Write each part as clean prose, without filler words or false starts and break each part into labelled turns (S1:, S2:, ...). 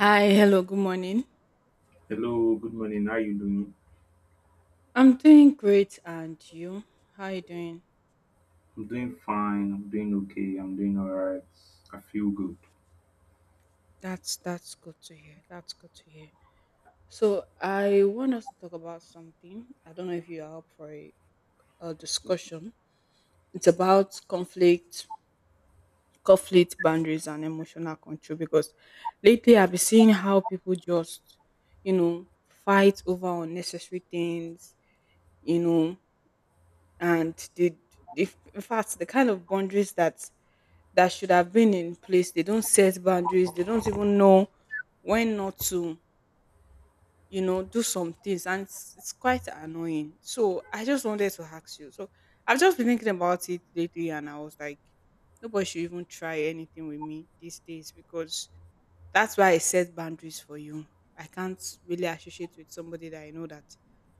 S1: Hi, hello, good morning.
S2: Hello, good morning. How you doing?
S1: I'm doing great, and you? How you doing?
S2: I'm doing fine. I'm doing okay. I'm doing all right. I feel good.
S1: That's good to hear. That's good to hear. So I want us to talk about something. I don't know if you are up for a discussion. It's about conflict boundaries, and emotional control. Because lately I've been seeing how people just fight over unnecessary things. You know, and they, in fact, the kind of boundaries that should have been in place, they don't set boundaries. They don't even know when not to do some things. And it's quite annoying. So I just wanted to ask you. So I've just been thinking about it lately, and I was like, nobody should even try anything with me these days, because that's why I set boundaries for you. I can't really associate with somebody that I know that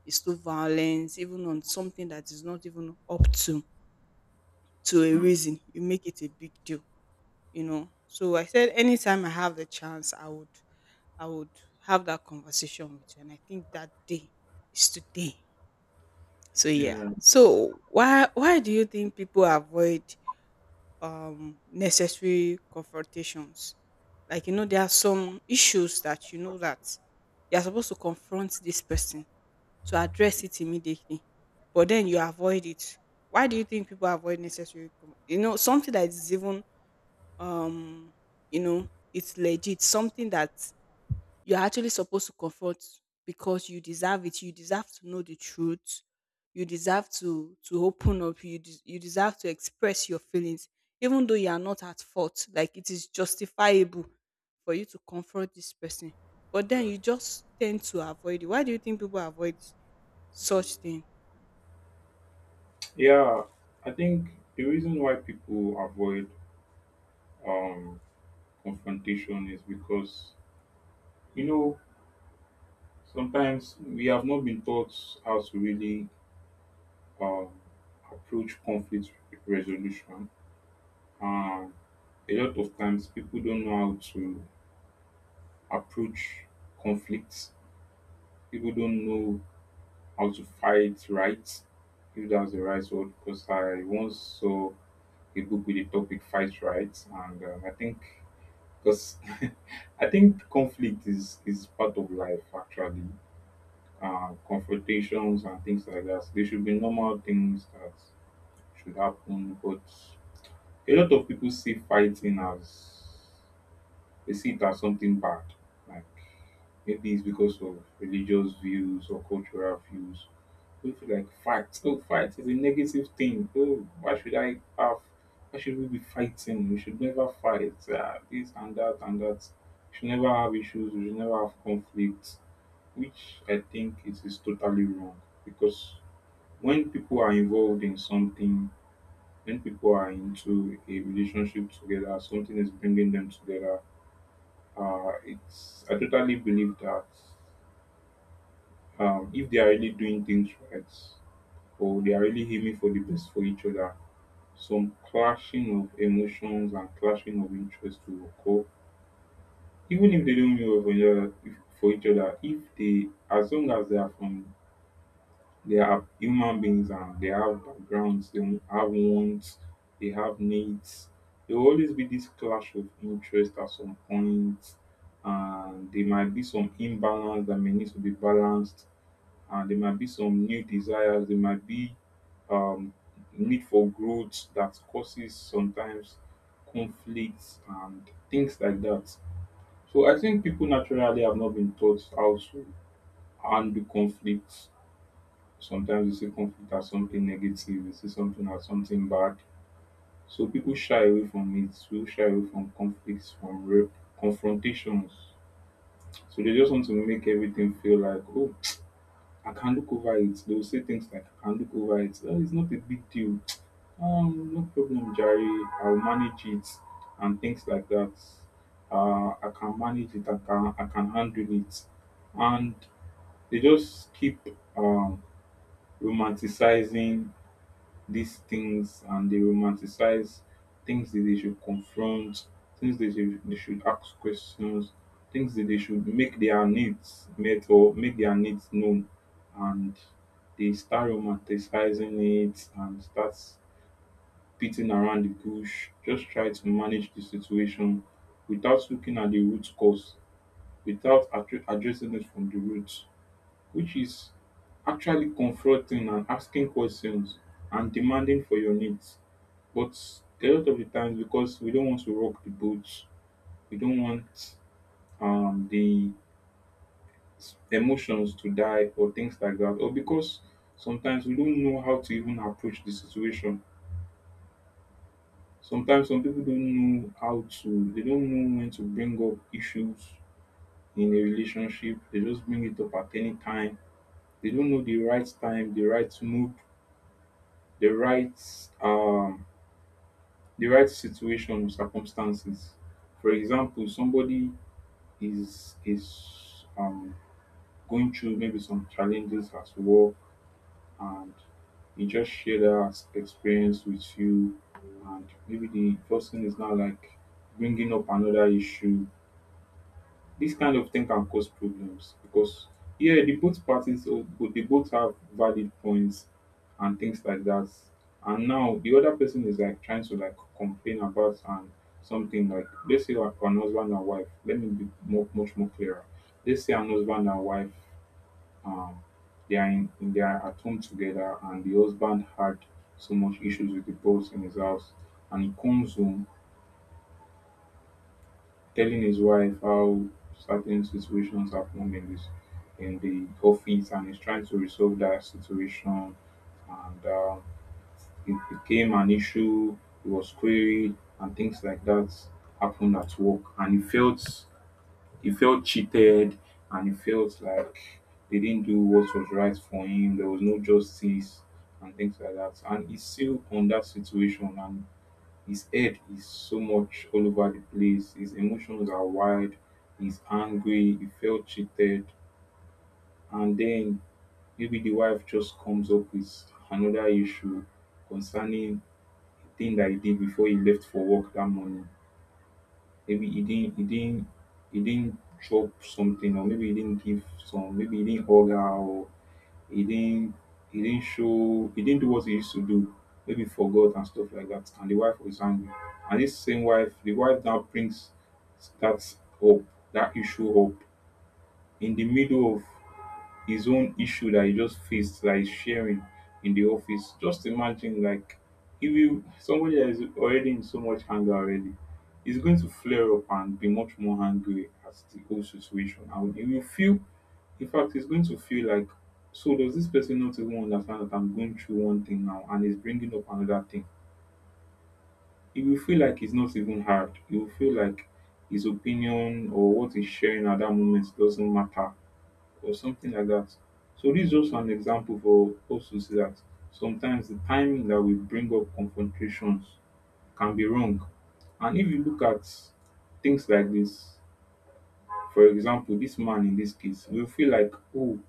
S1: is too violent even on something that is not even up to a
S2: Mm.
S1: reason. You make it a big deal. So I said anytime I have the chance, I would I would have that conversation with you. And I think that day is today. So yeah.
S2: Yeah,
S1: So why do you think people avoid necessary confrontations? Like, you know, there are some issues that you know that you're supposed to confront this person, to address it immediately, but then you avoid it. Why do you think people avoid necessary? You know, something that is even um it's legit, something that you're actually supposed to confront, because you deserve it. You deserve to know the truth. You deserve to open up. You deserve to express your feelings, even though you are not at fault. Like, it is justifiable for you to confront this person, but then you just tend to avoid it. Why do you think people avoid such things?
S2: yeah. I think the reason why people avoid um, confrontation is because you know sometimes we have not been taught how to really um, approach conflict resolution. Um, a lot of times people don't know how to approach conflicts. People don't know how to fight rights, if that's the right word, because I once saw a book with the topic fight rights, and I think because I think conflict is part of life actually. Confrontations and things like that. They should be normal things that should happen, but a lot of people see fighting as they see it as something bad. Like maybe it's because of religious views or cultural views. We feel like fight. Oh, fight is a negative thing. Oh, why should I have? Why should we be fighting? We should never fight. This and that and that. We should never have issues. We should never have conflicts, which I think is totally wrong. Because when people are involved in something, when people are into a relationship together, something is bringing them together. It's I totally believe that if they are really doing things right, or they are really aiming for the best for each other, some clashing of emotions and clashing of interests will occur even if they don't mean well for each other if, for each other if they as long as they are from they are human beings and they have backgrounds they have wants they have needs there will always be this clash of interest at some point and there might be some imbalance that may need to be balanced and there might be some new desires, there might be um, need for growth that causes sometimes conflicts and things like that. So I think people naturally have not been taught how to handle conflicts. Sometimes you see conflict as something negative, you see something as something bad. So people shy away from it, people shy away from conflicts, from real confrontations. So they just want to make everything feel like, oh, I can look over it. They'll say things like, I can look over it. Oh, it's not a big deal. No problem, Jerry. I'll manage it and things like that. I can manage it. I can handle it. And they just keep um, romanticizing these things and they romanticize things that they should confront, things that they should ask questions, things that they should make their needs met or make their needs known. And they start romanticizing it and start beating around the bush, just try to manage the situation without looking at the root cause, without addressing it from the root which is actually confronting and asking questions and demanding for your needs. But a lot of the times, because we don't want to rock the boat, we don't want um, the emotions to die or things like that, or because sometimes we don't know how to even approach the situation. Sometimes some people don't know how to, they don't know when to bring up issues in a relationship. They just bring it up at any time. They don't know the right time, the right mood the right um the right situation or circumstances. For example, somebody is going through maybe some challenges at work and he just shared that experience with you and maybe the person is now like bringing up another issue. This kind of thing can cause problems because yeah, the both parties oh, but they both have valid points and things like that. And now the other person is like trying to like complain about and something like let's say like an husband and wife. Let me be more, much more clearer. Let's say an husband and wife um they are at home together and the husband had so much issues with the boss in his house and he comes home telling his wife how certain situations happened in this in the office and he's trying to resolve that situation and it became an issue he was queried and things like that happened at work and he felt cheated and he felt like they didn't do what was right for him there was no justice and things like that and he's still on that situation and his head is so much all over the place. His emotions are wild. He's angry. He felt cheated. And then maybe the wife just comes up with another issue concerning the thing that he did before he left for work that morning. Maybe he didn't he didn't chop something or maybe he didn't give some maybe he didn't hug her or he didn't he didn't show he didn't do what he used to do. Maybe forgot and stuff like that. And the wife was angry. And this same wife, the wife now brings that up, that issue up in the middle of his own issue that he just faced like sharing in the office. Just imagine like if you somebody that is already in so much anger already is going to flare up and be much more angry at the whole situation and he will feel in fact he's going to feel like so does this person not even understand that I'm going through one thing now and he's bringing up another thing? He will feel like it's not even hard. He will feel like his opinion or what he's sharing at that moment doesn't matter or something like that. So this is also an example for us to see that sometimes the timing that we bring up confrontations can be wrong. And if you look at things like this, for example, this man in this case will feel like, oh,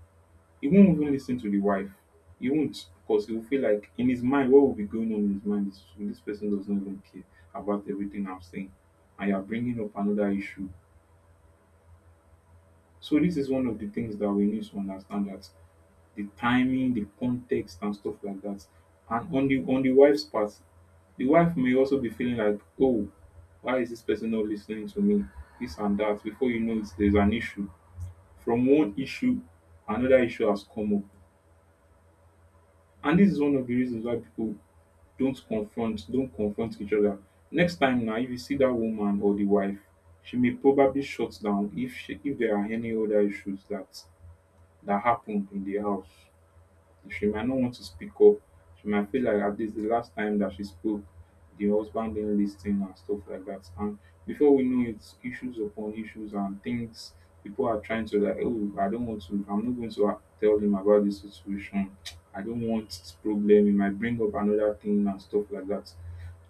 S2: he won't even listen to the wife. He won't because he will feel like in his mind, what will be going on in his mind is this person does not even care about everything I'm saying. And you're bringing up another issue. So this is one of the things that we need to understand that the timing, the context, and stuff like that. And on the wife's part, the wife may also be feeling like, oh, why is this person not listening to me? This and that. Before you know it, there's an issue. From one issue, another issue has come up. And this is one of the reasons why people don't confront each other. Next time now, if you see that woman or the wife, she may probably shut down if there are any other issues that that happened in the house. She might not want to speak up. She might feel like at least the last time that she spoke, the husband didn't listen and stuff like that. And before we know it, issues upon issues and things people are trying to like, oh, I don't want to, I'm not going to tell him about this situation. I don't want this problem. It might bring up another thing and stuff like that.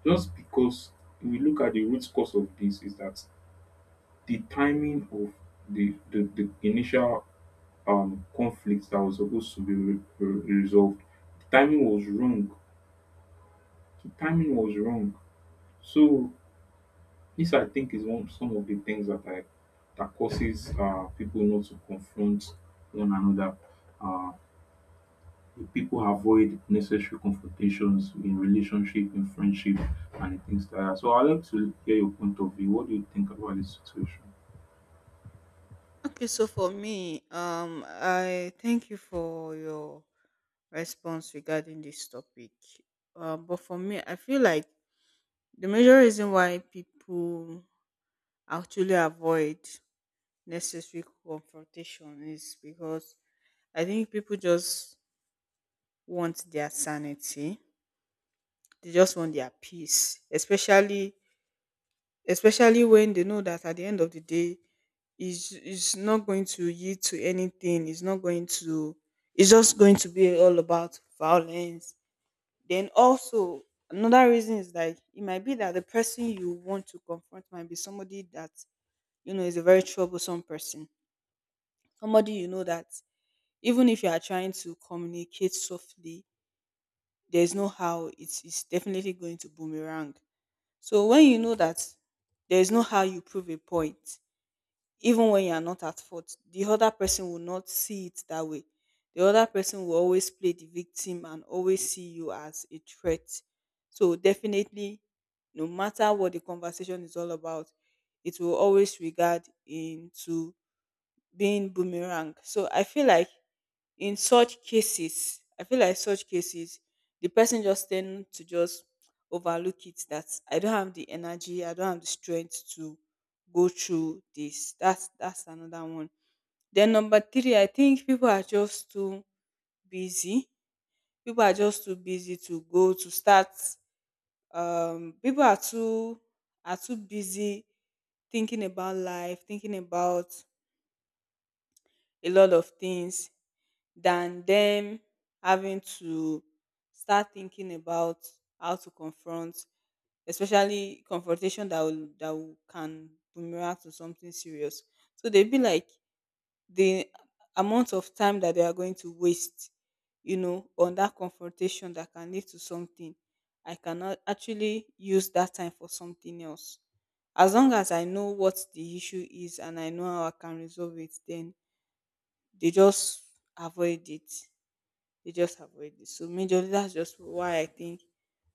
S2: Just because we look at the root cause of this is that the timing of the initial conflict that was supposed to be resolved. The timing was wrong. The timing was wrong. So this I think is one some of the things that I that causes people not to confront one another. Uh, People avoid necessary confrontations in relationship, in friendship, and things like that. So I'd like to hear your point of view. What do you think about this situation?
S1: Okay, so for me, I thank you for your response regarding this topic. But for me, I feel like the major reason why people actually avoid necessary confrontation is because I think people just want their sanity. They just want their peace, especially when they know that at the end of the day, is not going to yield to anything. It's not going to It's just going to be all about violence. Then also another reason is, like, it might be that the person you want to confront might be somebody that you know is a very troublesome person, somebody you know that even if you are trying to communicate softly, there's no how. It's definitely going to boomerang. So when you know that there's no how you prove a point, even when you are not at fault, the other person will not see it that way. The other person will always play the victim and always see you as a threat. So, definitely, no matter what the conversation is all about, it will always regard into being boomerang. So I feel like in such cases, I feel like such cases, the person just tend to just overlook it, that I don't have the energy, I don't have the strength to go through this. That's another one. Then number three, I think people are just too busy. People are just too busy to go to start. People are too busy thinking about life, thinking about a lot of things, than them having to start thinking about how to confront, especially confrontation that can boomerang to something serious. So they be like, the amount of time that they are going to waste on that confrontation that can lead to something, I cannot actually use that time for something else. As long as I know what the issue is and I know how I can resolve it, then they just avoid it. They just avoid it. So majorly, that's just why I think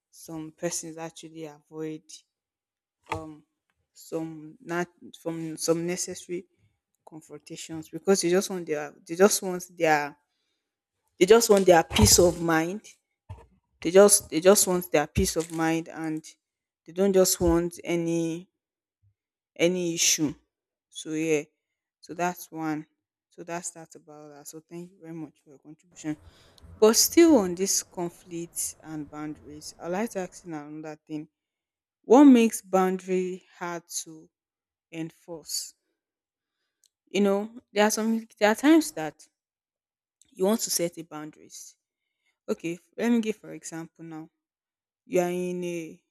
S1: some persons actually avoid some, not from some necessary confrontations, because they just want their peace of mind. They just want their peace of mind, and they don't just want any issue. So yeah. So that's one. So that's that about that. So thank you very much for your contribution. But still on this conflicts and boundaries, I like to ask you another thing. What makes boundary hard to enforce? You know, there are times that you want to set a boundaries. Okay, let me give for example now. You are in a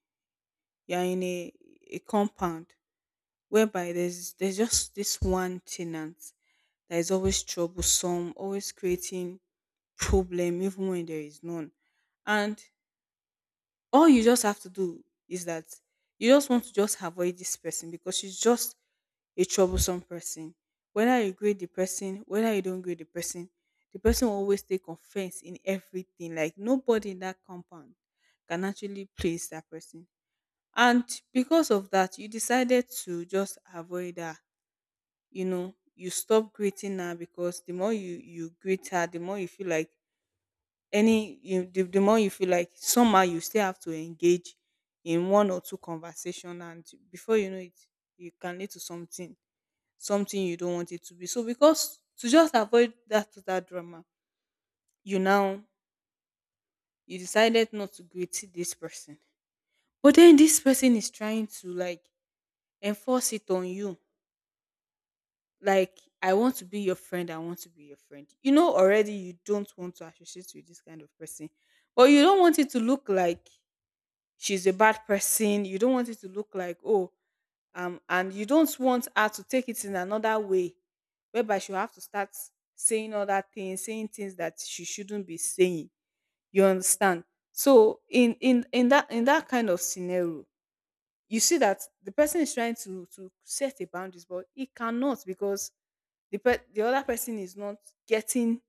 S1: you are in a compound whereby there's just this one tenant that is always troublesome, always creating problem even when there is none. And all you just have to do is that you just want to just avoid this person because she's just a troublesome person. Whether you grade the person, whether you don't grade the person will always take offense in everything. Like, nobody in that compound can actually please that person. And because of that, you decided to just avoid her. You stop greeting her, because the more you greet her, the more you feel like any you the more you feel like somehow you still have to engage in one or two conversation, and before you know it, you can lead to something you don't want it to be. So, because to just avoid that drama, you now you decided not to greet this person. But then this person is trying to like enforce it on you, like, I want to be your friend, I want to be your friend. Already you don't want to associate with this kind of person, but you don't want it to look like she's a bad person. You don't want it to look like, oh, and you don't want her to take it in another way, whereby she'll have to start saying other things, saying things that she shouldn't be saying. You understand? So in that kind of scenario, you see that the person is trying to set a boundaries, but he cannot because the other person is not getting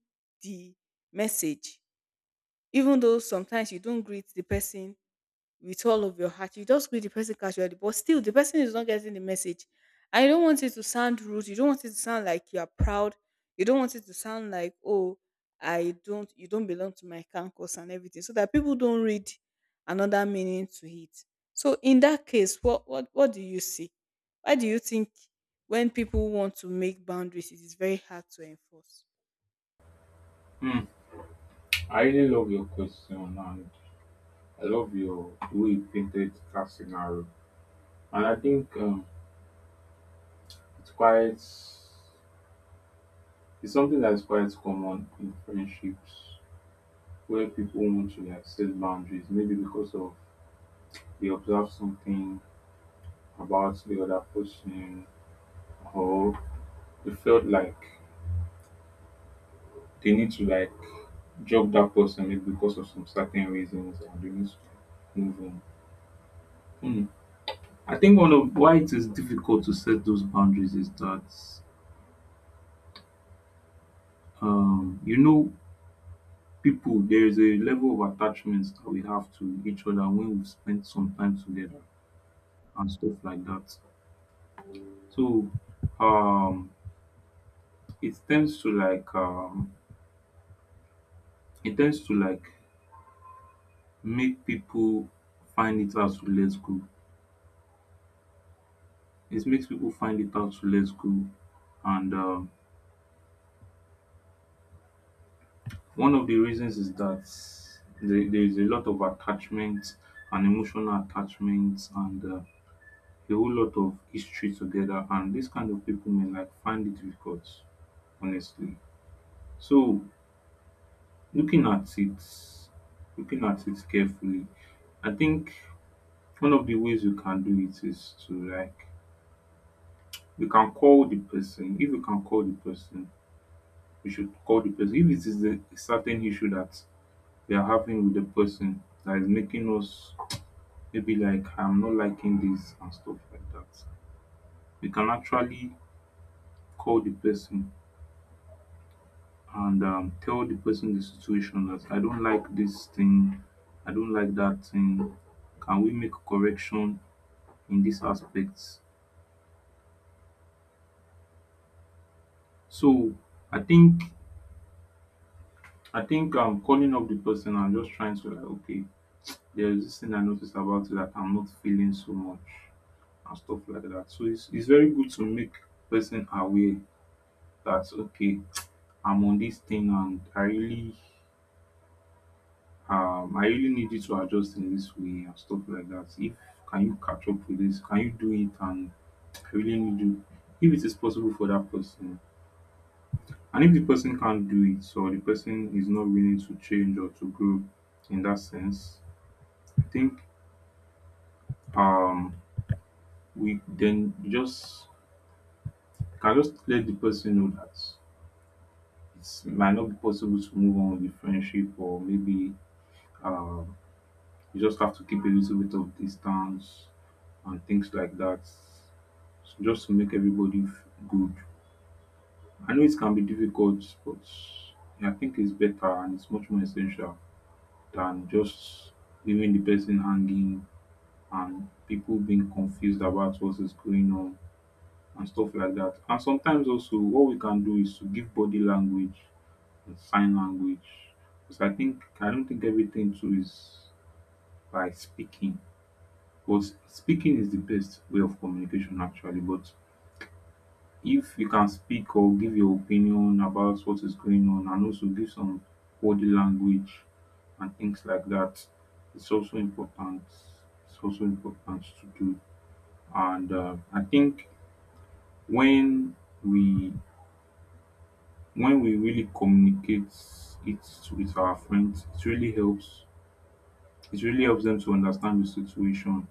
S1: the message. Even though sometimes you don't greet the person with all of your heart, you just greet the person casually, but still the person is not getting the message. And you don't want it to sound rude. You don't want it to sound like you are proud. You don't want it to sound like, oh, I don't, you don't belong to my campus and everything, so that people don't read another meaning to it. So in that case, what do you see? Why do you think when people want to make boundaries, it is very hard to enforce?
S2: Hmm. I really love your question, and I love your the way you painted that scenario. And I think it's it's something that's quite common in friendships where people want to like set boundaries, maybe because of they observe something about the other person or they felt like they need to like drop that person maybe because of some certain reasons and they need to move on. Hmm. I think one of why it is difficult to set those boundaries is that um, you know people, there is a level of attachment that we have to each other when we spend some time together and stuff like that, so um it tends to like it tends to like make people find it hard to let go. It makes people find it hard to let go And one of the reasons is that there is a lot of attachment and emotional attachment and a whole lot of history together, and this kind of people may like find it difficult, honestly. So looking at it, looking at it carefully, I think one of the ways you can do it is to like, you can call the person. If you can call the person, you should call the person if it is a certain issue that we are having with the person that is making us, maybe like I'm not liking this and stuff like that, we can actually call the person and tell the person the situation that I don't like this thing, I don't like that thing. Can we make correction in these aspects? So I think, I think I'm calling up the person and just trying to like, okay, there's this thing I noticed about you that I'm not feeling so much and stuff like that. So it's very good to make person aware that okay, I'm on this thing and I really need you to adjust in this way and stuff like that. If, can you catch up with this? Can you do it? And I really need you. If it is possible for that person, and if the person can't do it, so the person is not willing to change or to grow in that sense, I think um we then just can just let the person know that it might not be possible to move on with the friendship, or maybe um you just have to keep a little bit of distance and things like that, just to make everybody good. I know it can be difficult, but I think it's better and it's much more essential than just leaving the person hanging and people being confused about what is going on and stuff like that. And sometimes also, what we can do is to give body language and sign language, because I think, I don't think everything too is by speaking. Because speaking is the best way of communication actually, but if you can speak or give your opinion about what is going on and also give some body language and things like that, it's also important. It's also important to do. And I think when we, when we really communicate it with our friends, it really helps, it really helps them to understand the situation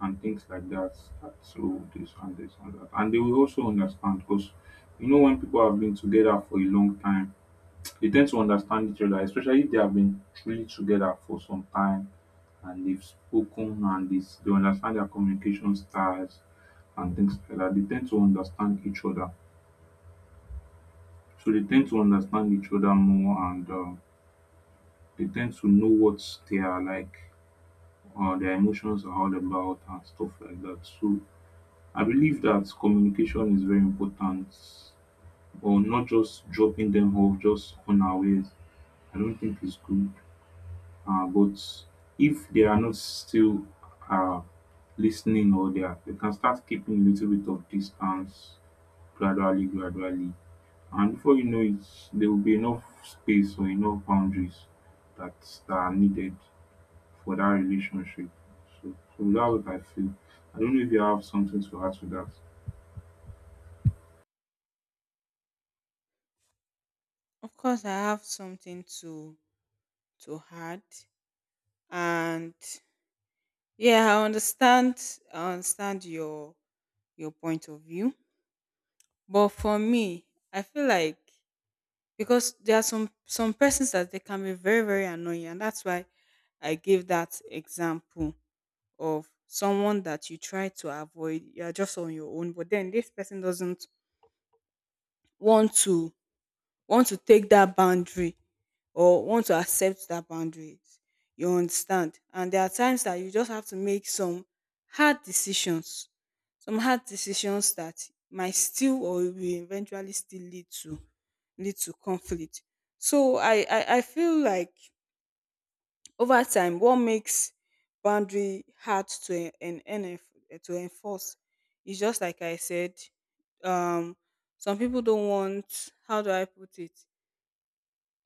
S2: and things like that. That so this and this and that. And they will also understand because you know when people have been together for a long time, they tend to understand each other, especially if they have been truly together for some time and they've spoken and this, they understand their communication styles and things like that. They tend to understand each other. So they tend to understand each other more, and they tend to know what they are like, their emotions are all about and stuff like that. So I believe that communication is very important, or not just dropping them off just unawares. I don't think it's good. But if they are not still uh, listening, or they can start keeping a little bit of distance gradually, gradually. And before you know it, there will be enough space or enough boundaries that, that are needed for that relationship. So, so that's what I feel. I don't know if you have something to add to that.
S1: Of course, I have something to add, and Yeah, I understand. I understand your point of view, but for me, I feel like, because there are some persons that they can be very very annoying, and that's why I gave that example of someone that you try to avoid. You are just on your own, but then this person doesn't want to want to take that boundary, or want to accept that boundaries. You understand? And there are times that you just have to make hard decisions, some hard decisions that might still, or will eventually still, lead to conflict. So I feel like over time, what makes boundary hard to en- en- en- to enforce is, just like I said, um, some people don't want. How do I put it?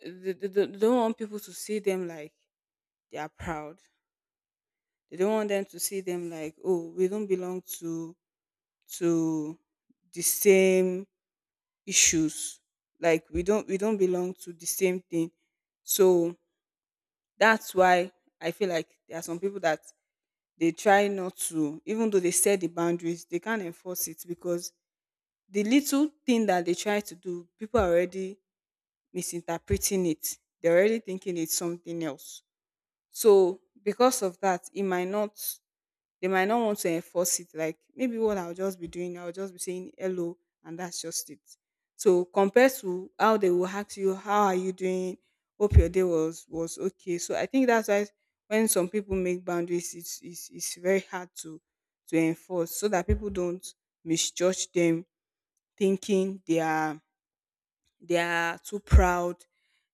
S1: They don't want people to see them like they are proud. They don't want them to see them like, oh, we don't belong to the same issues. Like, we don't belong to the same thing. So that's why I feel like there are some people that they try not to, even though they set the boundaries, they can't enforce it, because the little thing that they try to do, people are already misinterpreting it. They're already thinking it's something else. So because of that, it might not They might not want to enforce it. Like, maybe what I'll just be doing, I'll just be saying hello, and that's just it. So compared to how they will ask you, how are you doing? Hope your day was okay. So I think that's why when some people make boundaries, it's very hard to enforce, so that people don't misjudge them, thinking they are too proud,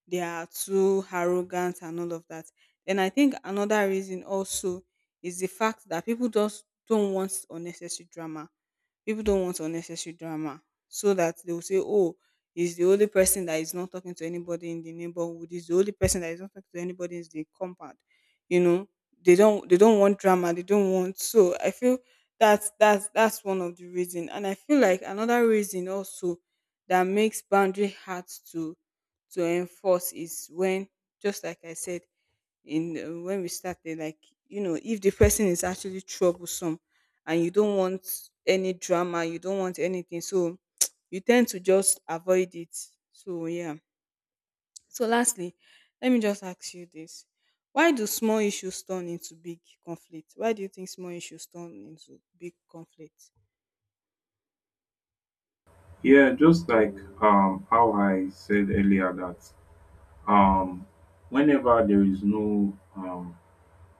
S1: they are too arrogant and all of that. And I think another reason also is the fact that people just don't want unnecessary drama. People don't want unnecessary drama. So that they will say, oh, he's the only person that is not talking to anybody in the neighborhood, he's the only person that is not talking to anybody in the compound. You know, they don't want drama, they don't want. So I feel that's one of the reason. And I feel like another reason also that makes boundary hard to to enforce is when, just like I said in when we started, like, if the person is actually troublesome and you don't want any drama, you don't want anything, so you tend to just avoid it. So yeah. So lastly, let me just ask you this. Why do you think small issues turn into big conflict?
S2: Yeah, just like how I said earlier that um whenever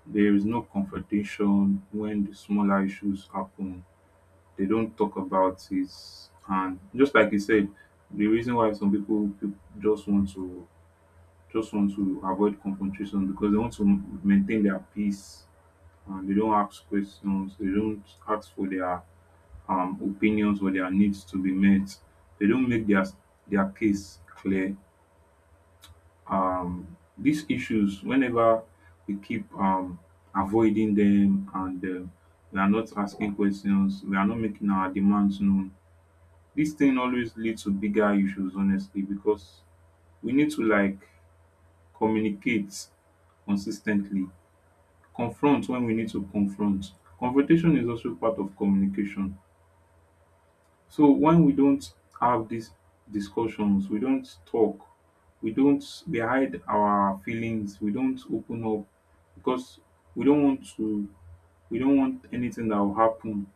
S2: there is no confrontation, when the smaller issues happen, they don't talk about it, and just like you said, the reason why some people, people just want to, just want to avoid confrontation because they want to maintain their peace, and they don't ask questions, they don't ask for their opinions or their needs to be met. They don't make their case clear. These issues, whenever we keep avoiding them and we are not asking questions, we are not making our demands known, this thing always leads to bigger issues, honestly, because we need to like communicate consistently, confront when we need to confront. Confrontation is also part of communication. So when we don't have these discussions, we don't talk, we don't, we hide our feelings, we don't open up because we don't want to, we don't want anything that will happen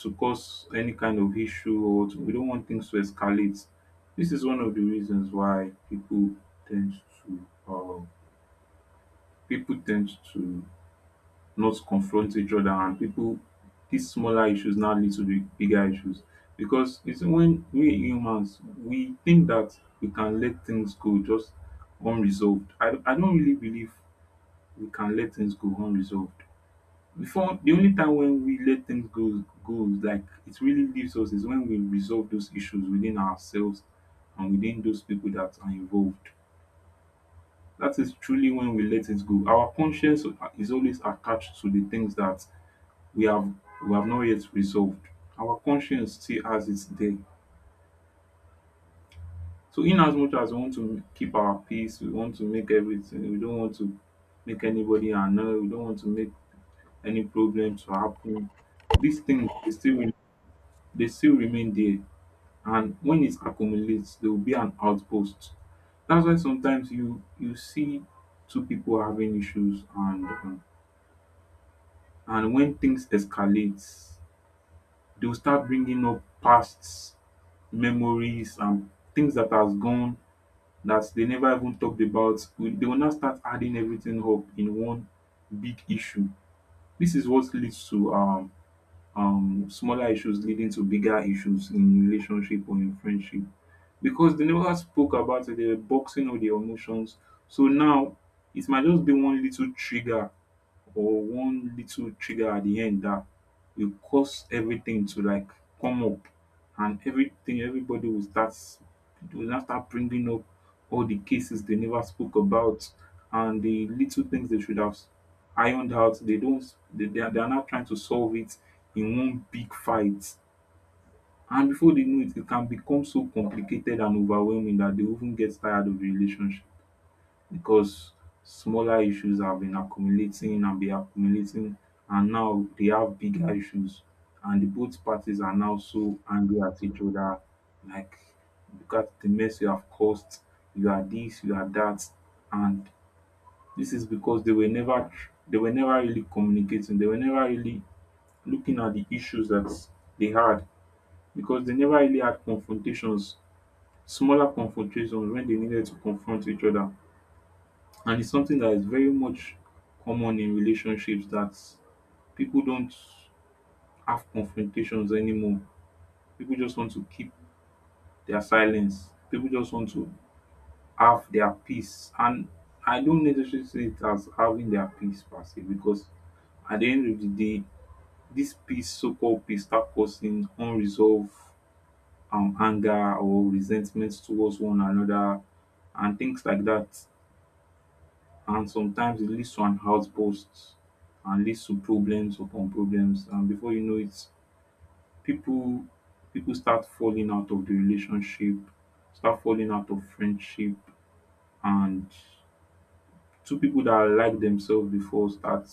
S2: to cause any kind of issue, or to, we don't want things to escalate. This is one of the reasons why tend to uh, people tend to not confront each other, and people, these smaller issues now lead to the bigger issues, because it's when we humans, we think that we can let things go just unresolved. I don't really believe we can let things go unresolved before. The only time when we let things go, goes like it really leaves us, is when we resolve those issues within ourselves and within those people that are involved. That is truly when we let it go. Our conscience is always attached to the things that we have we have not yet resolved. Our conscience still has its day. So in as much as we want to keep our peace, we want to make everything, we don't want to make anybody annoyed, we don't want to make any problems to happen, these things they still they still remain there. And when it accumulates, there will be an outburst. That's why sometimes you, you see two people having issues and when things escalate, they'll start bringing up past memories and things that has gone, that they never even talked about they will now start adding everything up in one big issue. This is what leads to smaller issues leading to bigger issues in relationship or in friendship, because they never spoke about it, they were boxing all their emotions. So now it might just be one little trigger or one little trigger at the end, that will cause everything to like come up, and everything, everybody will start, will now start bringing up all the cases they never spoke about and the little things they should have ironed out. They don't, they are now trying to solve it in one big fight, and before they know it, it can become so complicated and overwhelming that they even get tired of the relationship, because smaller issues have been accumulating and be accumulating, and now they have bigger issues, and the both parties are now so angry at each other like, look at the mess you have caused, you are this, you are that. And this is because they were never they were never really communicating, they were never really looking at the issues that they had, because they never really had confrontations, smaller confrontations, when they needed to confront each other. And it's something that is very much common in relationships, that people don't have confrontations anymore. People just want to keep their silence. People just want to have their peace. And I don't necessarily see it as having their peace per se, because at the end of the day, this peace, so called peace, start causing unresolved anger or resentment towards one another and things like that. And sometimes it leads to an outburst and leads to problems upon problems, and before you know it, people, people start falling out of the relationship, start falling out of friendship, and two people that like themselves before start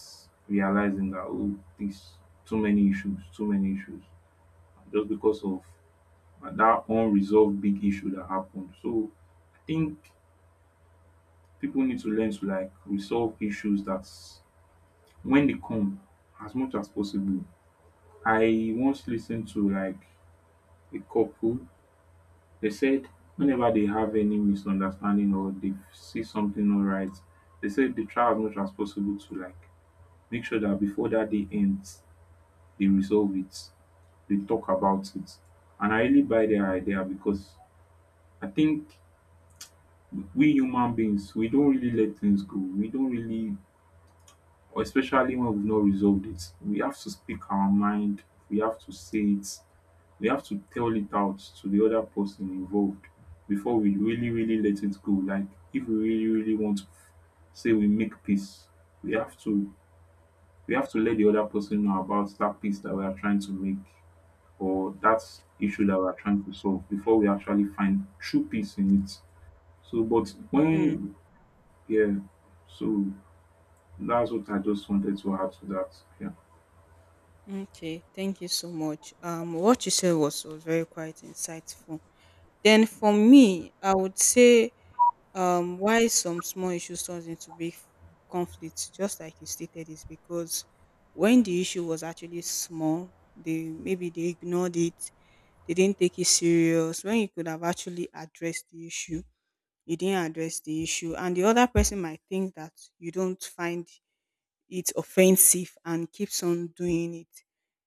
S2: realizing that oh, this, too many issues, too many issues, just because of that unresolved big issue that happened. So I think people need to learn to like resolve issues. That's, when they come, as much as possible, I once listened to like a couple. They said whenever they have any misunderstanding or they see something not right, they said they try as much as possible to like make sure that before that day ends, they resolve it, they talk about it. And I really buy their idea, because I think we human beings, we don't really let things go. We don't really, or especially when we've not resolved it, we have to speak our mind, we have to say it, we have to tell it out to the other person involved before we really, really let it go. Like if we really, really want to say we make peace, we have to, we have to let the other person know about that peace that we are trying to make, or that issue that we are trying to solve, before we actually find true peace in it. So, but
S1: Mm,
S2: when, yeah, so that's what I just wanted to add to that. Yeah.
S1: okay, thank you so much. What you said was very quite insightful. Then for me, I would say, why some small issues turns into big conflicts, just like you stated, is because when the issue was actually small, they maybe they ignored it, they didn't take it serious. When you could have actually addressed the issue, you didn't address the issue, and the other person might think that you don't find it offensive and keeps on doing it.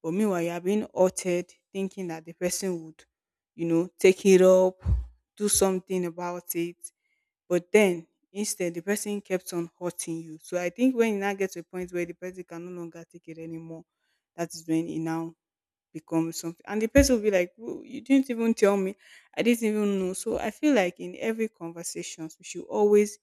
S1: But meanwhile, you are being altered, thinking that the person would take it up, do something about it. But then instead, the person kept on hurting you. So I think when you now get to a point where the person can no longer take it anymore, that is when it now becomes something. And the person will be like, "You didn't even tell me. I didn't even know." So I feel like in every conversations, we should always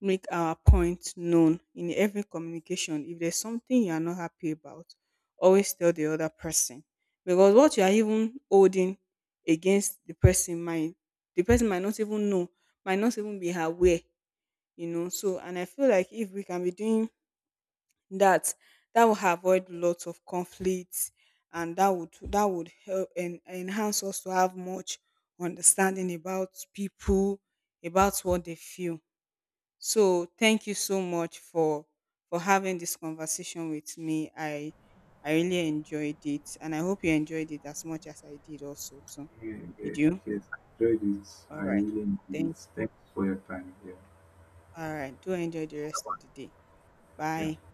S1: make our point known in every communication. If there's something you are not happy about, always tell the other person. Because what you are even holding against the person might not even know, might not even be aware. So, and I feel like if we can be doing that, that will avoid lots of conflicts, and that would help and enhance us to have much understanding about people, about what they feel. So thank you so much for having this conversation with me. I really enjoyed it, and I hope you enjoyed it as much as I did also too.
S2: Yeah,
S1: Did
S2: yeah.
S1: you?
S2: Yes, I enjoyed it.
S1: All
S2: I
S1: right.
S2: really
S1: Thank.
S2: enjoyed
S1: you.
S2: it. Thanks for your time. Yeah.
S1: All right. Do enjoy the rest of the day. Bye.
S2: Yeah.